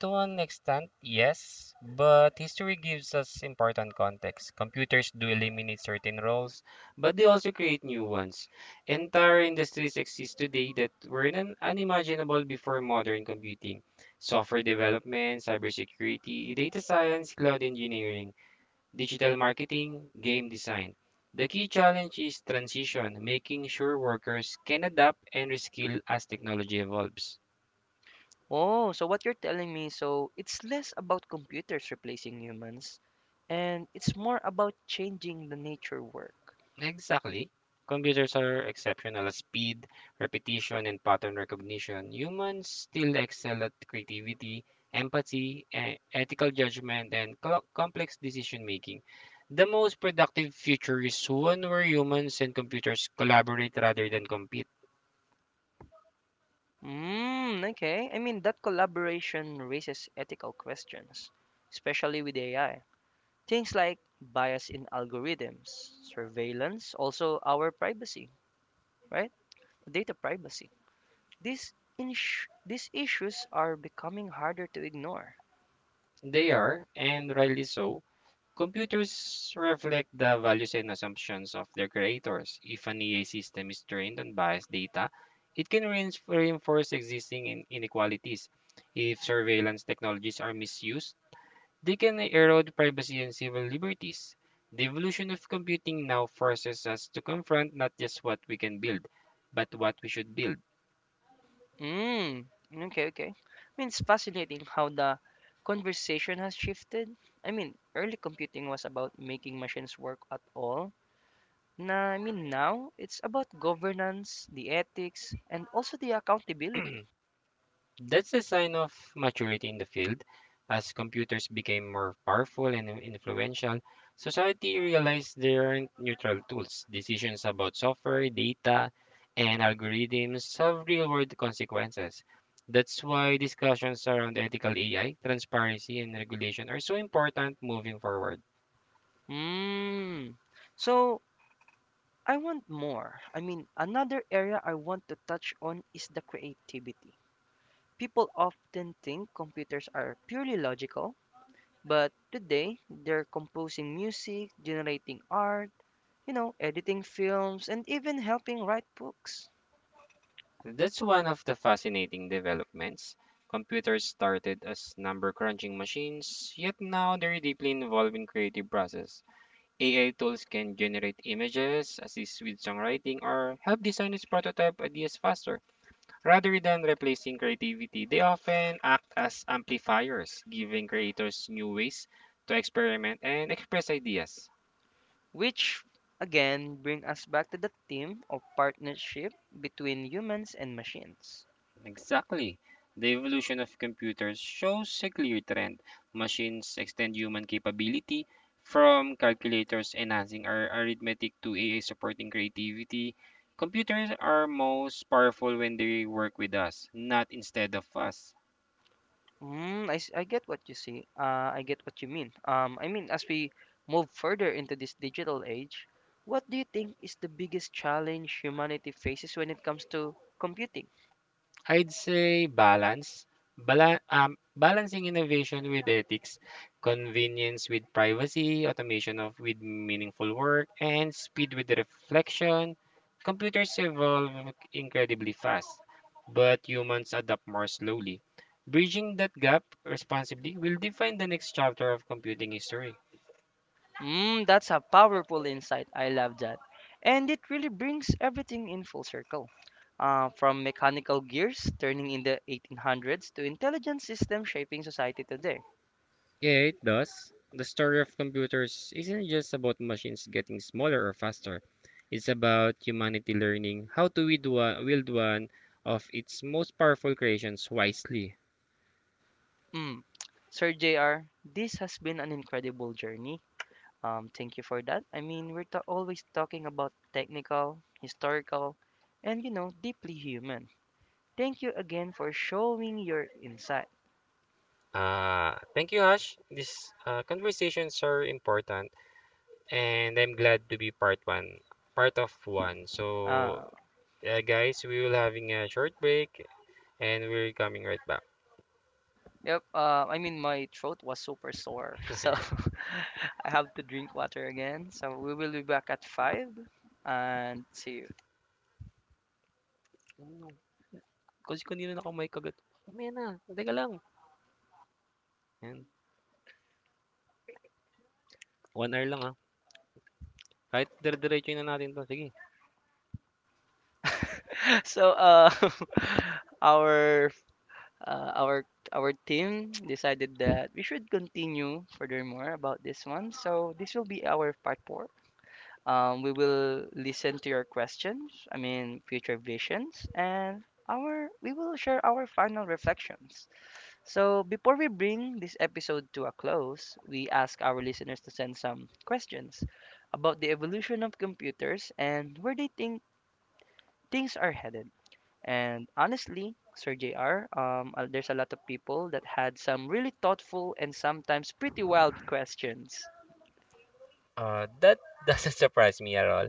To an extent, yes, but history gives us important context. Computers do eliminate certain roles, but they also create new ones. Entire industries exist today that were un- unimaginable before modern computing. Software development, cybersecurity, data science, cloud engineering, digital marketing, game design. The key challenge is transition, making sure workers can adapt and reskill as technology evolves.
Oh, so what you're telling me, so it's less about computers replacing humans, and it's more about changing the nature work.
Exactly. Computers are exceptional at speed, repetition, and pattern recognition. Humans still excel at creativity, empathy, e- ethical judgment, and clo- complex decision making. The most productive future is one where humans and computers collaborate rather than compete.
Mm, okay. I mean, that collaboration raises ethical questions, especially with A I. Things like bias in algorithms, surveillance, also our privacy, right? Data privacy. These ins- these issues are becoming harder to ignore.
They are, and rightly so. Computers reflect the values and assumptions of their creators. If an A I system is trained on biased data, it can reins- reinforce existing in- inequalities. If surveillance technologies are misused, they can erode privacy and civil liberties. The evolution of computing now forces us to confront not just what we can build, but what we should build.
Mm, okay, okay. I mean, it's fascinating how the conversation has shifted. I mean, early computing was about making machines work at all. Nah, I mean, now it's about governance, the ethics, and also the accountability.
That's a sign of maturity in the field. As computers became more powerful and in- influential, society realized they aren't neutral tools. Decisions about software, data, and algorithms have real world consequences. That's why discussions around ethical A I, transparency, and regulation are so important moving forward.
Mm. So, I want more. I mean, another area I want to touch on is the creativity. People often think computers are purely logical, but today they're composing music, generating art, you know, editing films, and even helping write books.
That's one of the fascinating developments. Computers started as number crunching machines, yet now they're deeply involved in creative process. A I tools can generate images, assist with songwriting, or help designers prototype ideas faster. Rather than replacing creativity, they often act as amplifiers, giving creators new ways to experiment and express ideas.
Which, again, bring us back to the theme of partnership between humans and machines.
Exactly. The evolution of computers shows a clear trend. Machines extend human capability from calculators enhancing our arithmetic to A I supporting creativity. Computers are most powerful when they work with us, not instead of us.
Mm, I, s- I get what you see. Uh, I get what you mean. Um, I mean, as we move further into this digital age, what do you think is the biggest challenge humanity faces when it comes to computing?
I'd say balance, Bala- um, balancing innovation with ethics, convenience with privacy, automation of with meaningful work, and speed with reflection. Computers evolve incredibly fast, but humans adapt more slowly. Bridging that gap responsibly will define the next chapter of computing history.
Mm, that's a powerful insight. I love that. And it really brings everything in full circle. Uh, from mechanical gears turning in the eighteen hundreds to intelligent systems shaping society today.
Yeah, it does. The story of computers isn't just about machines getting smaller or faster. It's about humanity learning how to wield one, wield one of its most powerful creations wisely.
Mm. Sir J R, this has been an incredible journey. Um, thank you for that. I mean, we're ta- always talking about technical, historical, and you know, deeply human. Thank you again for showing your insight.
Uh, thank you, Hash. These uh, conversations are important, and I'm glad to be part one, part of one. So,
Uh,
yeah, guys, we will having a short break, and we're coming right back.
yep. Uh, I mean, my throat was super sore, *laughs* so
*laughs*
*laughs* I have to drink water again. So we will be back at five, and see you. *laughs* So, uh, *laughs* our uh, our our team decided that we should continue furthermore about this one. So this will be our part four. Um, we will listen to your questions, I mean, future visions, and our we will share our final reflections. So, before we bring this episode to a close, we ask our listeners to send some questions about the evolution of computers and where they think things are headed. And honestly, Sir J R, um, uh, there's a lot of people that had some really thoughtful and sometimes pretty wild questions.
Uh, that doesn't surprise me at all.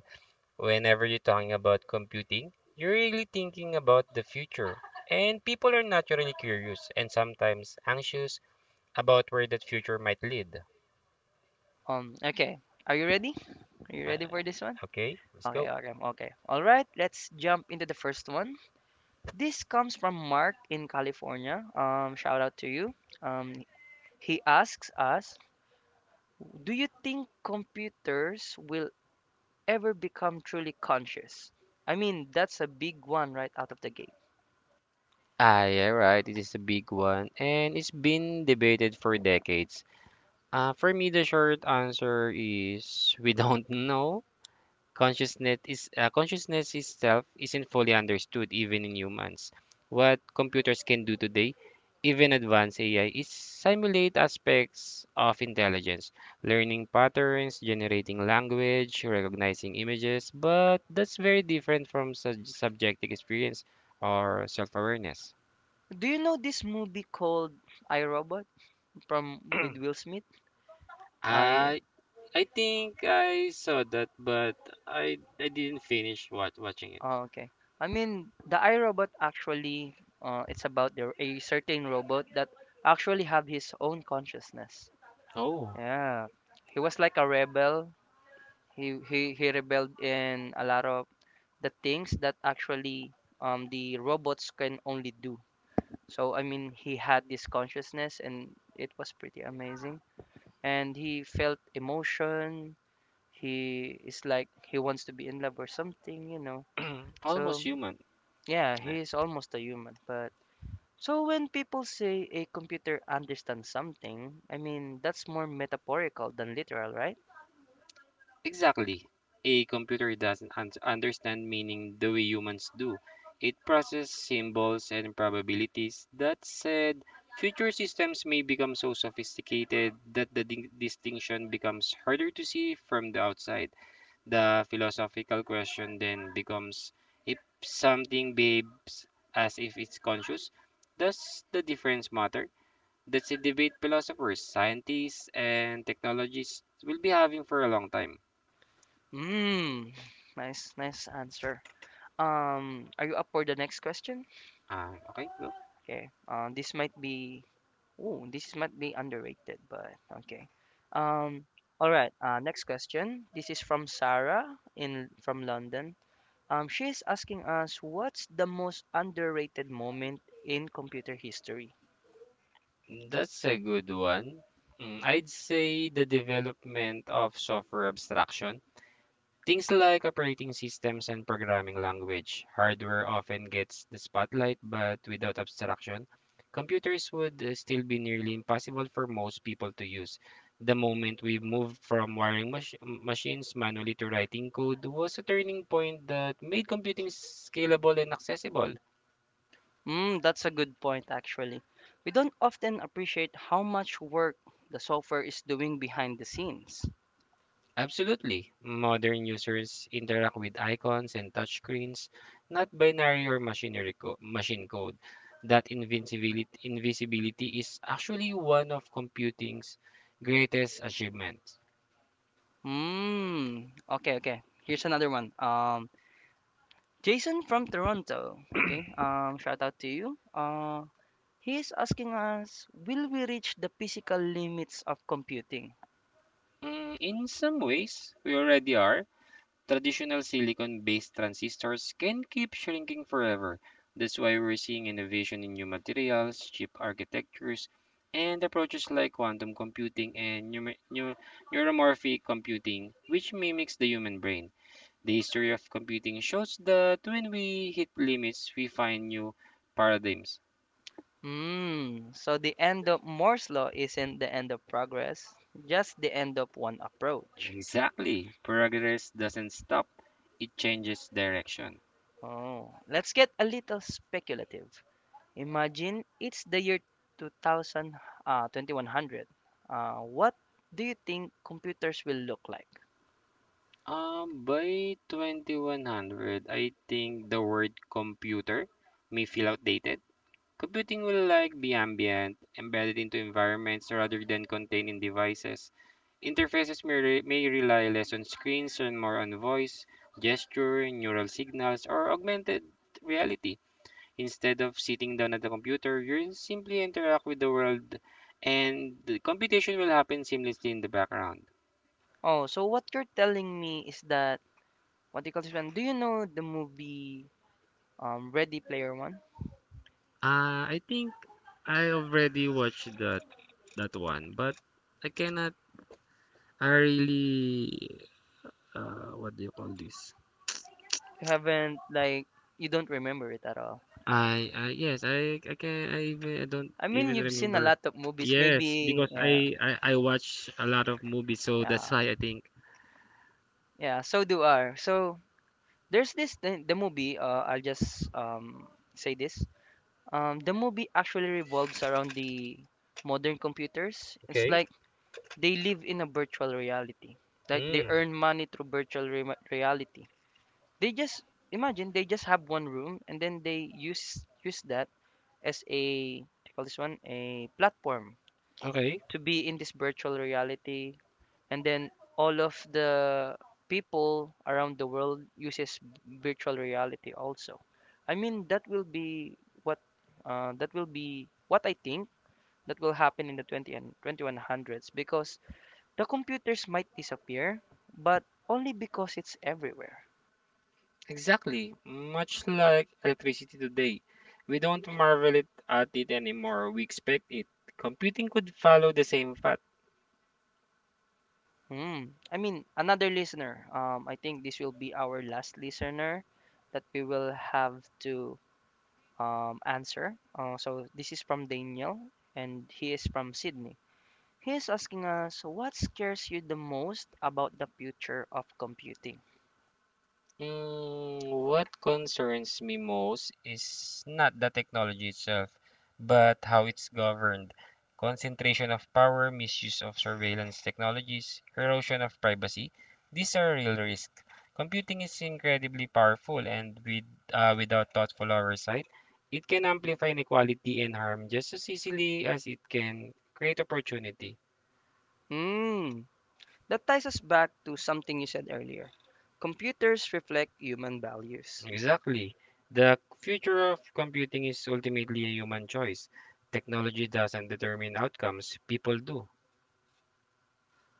Whenever you're talking about computing, you're really thinking about the future. And people are naturally curious and sometimes anxious about where that future might lead.
Um, okay, are you ready? Are you
Uh,
ready for this one?
okay, let's
Okay,
go.
okay, okay. All right, let's jump into the first one. This comes from Mark in California. Um, shout out to you. Um, he asks us, do you think computers will ever become truly conscious? I mean, that's a big one right out of the gate.
Ah, yeah, right. It is a big one, and it's been debated for decades. Uh, for me, the short answer is we *laughs* don't know. Consciousness is uh, consciousness itself isn't fully understood even in humans. What computers can do today, even advanced A I, is simulate aspects of intelligence, learning patterns, generating language, recognizing images, but that's very different from sub- subjective experience or self-awareness.
Do you know this movie called I Robot from with Will Smith? I
I I think I saw that, but I I didn't finish wat- watching it.
oh, okay. I mean, the I Robot actually, uh, it's about there a certain robot that actually have his own consciousness.
Oh,
Yeah, he was like a rebel. He he he rebelled in a lot of the things that actually um the robots can only do. So I mean, he had this consciousness, and it was pretty amazing. And he felt emotion. He is like he wants to be in love or something, you know.
almost
So
human.
yeah,
Yeah.
he is almost a human, but. So when people say a computer understands something, I mean that's more metaphorical than literal, right?
Exactly. A computer doesn't un- understand meaning the way humans do. It processes symbols and probabilities. That said, future systems may become so sophisticated that the din- distinction becomes harder to see from the outside. The philosophical question then becomes, if something behaves as if it's conscious, does the difference matter? That's a debate philosophers, scientists, and technologists will be having for a long time.
Mm, nice, nice answer. Um, are you up for the next question?
Ah, okay, go.
Okay. Uh, this might be. Oh, this might be underrated, but okay. Um, all right. Uh, next question. This is from Sarah in from London. Um, she is asking us what's the most underrated moment in computer history.
That's a good one. Mm, I'd say the development of software abstraction. Things like operating systems and programming language. Hardware often gets the spotlight, but without abstraction, computers would uh, still be nearly impossible for most people to use. The moment we moved from wiring mach- machines manually to writing code was a turning point that made computing scalable and accessible.
Mm, that's a good point, actually. We don't often appreciate how much work the software is doing behind the scenes.
Absolutely. Modern users interact with icons and touchscreens, not binary or machinery co- machine code. That invisibility, invisibility is actually one of computing's greatest achievements.
Mm, okay, okay. Here's another one. Um, Jason from Toronto. Okay. Um, shout out to you. Uh, he is asking us, will we reach the physical limits of computing?
Mm, in some ways, we already are. Traditional silicon-based transistors can keep shrinking forever. That's why we're seeing innovation in new materials, chip architectures, and approaches like quantum computing and neu- neu- neuromorphic computing, which mimics the human brain. The history of computing shows that when we hit limits, we find new paradigms.
Mm, so the end of Moore's law isn't the end of progress, just the end of one approach.
Exactly. Progress doesn't stop, it changes direction.
Oh, let's get a little speculative. Imagine it's the year two thousand, uh, twenty one hundred. Uh, what do you think computers will look like?
Um, by twenty one hundred, I think the word computer may feel outdated. Computing will like be ambient, embedded into environments rather than contained in devices. Interfaces may, re- may rely less on screens and more on voice, gesture, neural signals, or augmented reality. Instead of sitting down at the computer, you simply interact with the world, and the computation will happen seamlessly in the background.
Oh, so what you're telling me is that what do you call this one? Do you know the movie um Ready Player One?
Uh, I think I already watched that that one, but I cannot. I really uh, what do you call this?
You haven't like you don't remember it at all.
I uh, Yes, I I can. I even I don't
I mean,
even
you've seen a
remember.
lot of movies.
Yes,
Maybe
because
yeah,
I I I watch a lot of movies, so that's
yeah,
why I think.
yeah. So do I. So there's this the, the movie. Uh, I'll just um say this. Um, the movie actually revolves around the modern computers. It's
Okay.
like they live in a virtual reality. Like they
Mm,
earn money through virtual re- reality. They just imagine they just have one room and then they use use that as a what do you call this one a platform
okay.
to be in this virtual reality and then all of the people around the world uses virtual reality also. I mean that will be what, uh, that will be what I think that will happen in the twenty and twenty one hundreds because the computers might disappear but only because it's everywhere.
Exactly. Much like electricity today, we don't marvel it at it anymore. We expect it. Computing could follow the same path.
Hmm. I mean, another listener. Um, I think this will be our last listener that we will have to um, answer. Uh, so this is from Daniel, and he is from Sydney. He is asking us, what scares you the most about the future of computing?
Mm, what concerns me most is not the technology itself, but how it's governed. Concentration of power, misuse of surveillance technologies, erosion of privacy. These are real risks. Computing is incredibly powerful, and with, uh, without thoughtful oversight, it can amplify inequality and harm just as easily as it can create opportunity.
Hmm. That ties us back to something you said earlier. Computers reflect human values.
Exactly. The future of computing is ultimately a human choice. Technology doesn't determine outcomes, people do.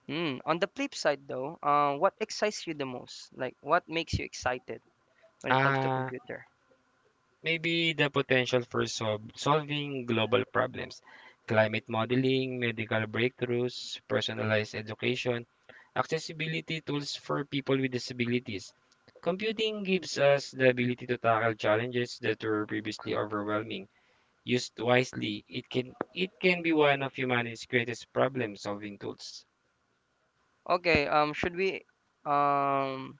Hmm. On the flip side, though, uh, what excites you the most? Like, what makes you excited when it comes to
Uh,
computer?
Maybe the potential for sol- solving global problems, climate modeling, medical breakthroughs, personalized education, accessibility tools for people with disabilities. Computing gives us the ability to tackle challenges that were previously overwhelming. Used wisely, it can it can be one of humanity's greatest problem-solving tools.
Okay, um, should we, um,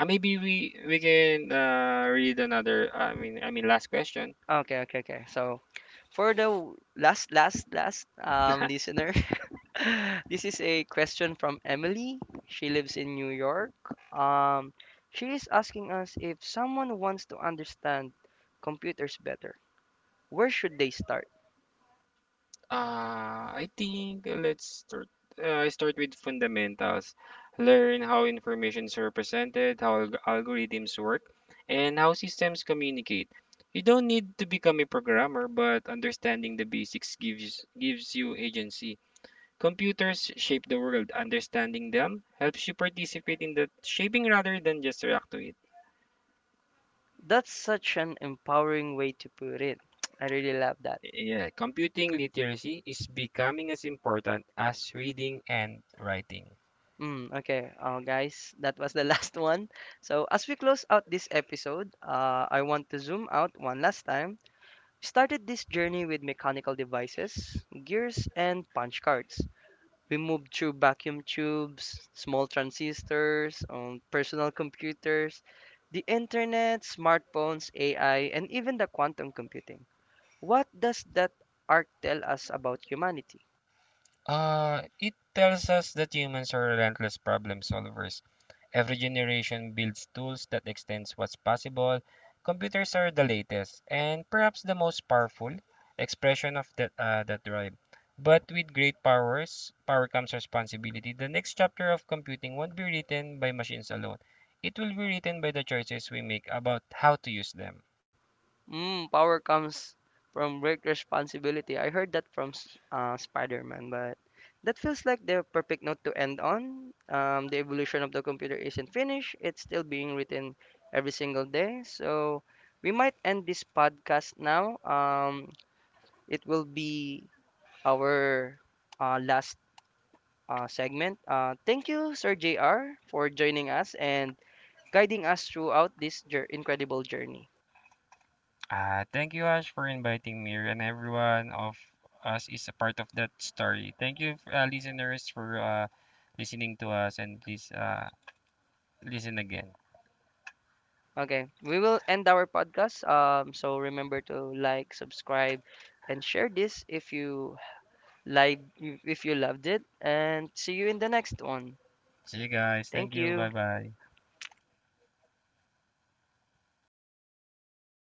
Uh, maybe we we can uh, read another. I mean, I mean, last question.
okay, okay, okay. So for the w- last, last, last, um, listener, *laughs* this is a question from Emily. She lives in New York. Um, she is asking us if someone wants to understand computers better, where should they start?
Uh, I think uh, let's start. Uh, I start with fundamentals. Learn how information is represented, how alg- algorithms work, and how systems communicate. You don't need to become a programmer, but understanding the basics gives gives you agency. Computers shape the world. Understanding them helps you participate in the shaping rather than just react to it.
That's such an empowering way to put it. *tsk* I really love that.
Yeah, computing literacy is becoming as important as reading and writing.
Mm, okay, uh, guys, that was the last *laughs* one. So, as we close out this episode, uh, I want to zoom out one last time. We started this journey with mechanical devices, gears, and punch cards. We moved through vacuum tubes, small transistors, um, personal computers, the internet, smartphones, A I, and even the quantum computing. What does that arc tell us about humanity?
Uh, it tells us that humans are relentless problem solvers. Every generation builds tools that extends what's possible. Computers are the latest and perhaps the most powerful expression of that uh, that drive. But with great powers, power comes responsibility. The next chapter of computing won't be written by machines alone. It will be written by the choices we make about how to use them.
Mm, power comes from great responsibility. I heard that from S- uh, Spider-Man, but that feels like the perfect note to end on. Um, the evolution of the computer isn't finished. It's still being written every single day. So we might end this podcast now. Um, it will be our uh, last uh, segment. Uh, thank you, Sir J R, for joining us and guiding us throughout this jour- incredible journey.
Uh, thank you, Ash, for inviting me, and everyone of us is a part of that story. Thank you, uh, listeners, for uh, listening to us, and please uh, listen again.
Okay, we will end our podcast. Um, so remember to like, subscribe, and share this if you like if you loved it. And see you in the next one.
See you guys. Thank
Thank
you.
you.
Bye bye.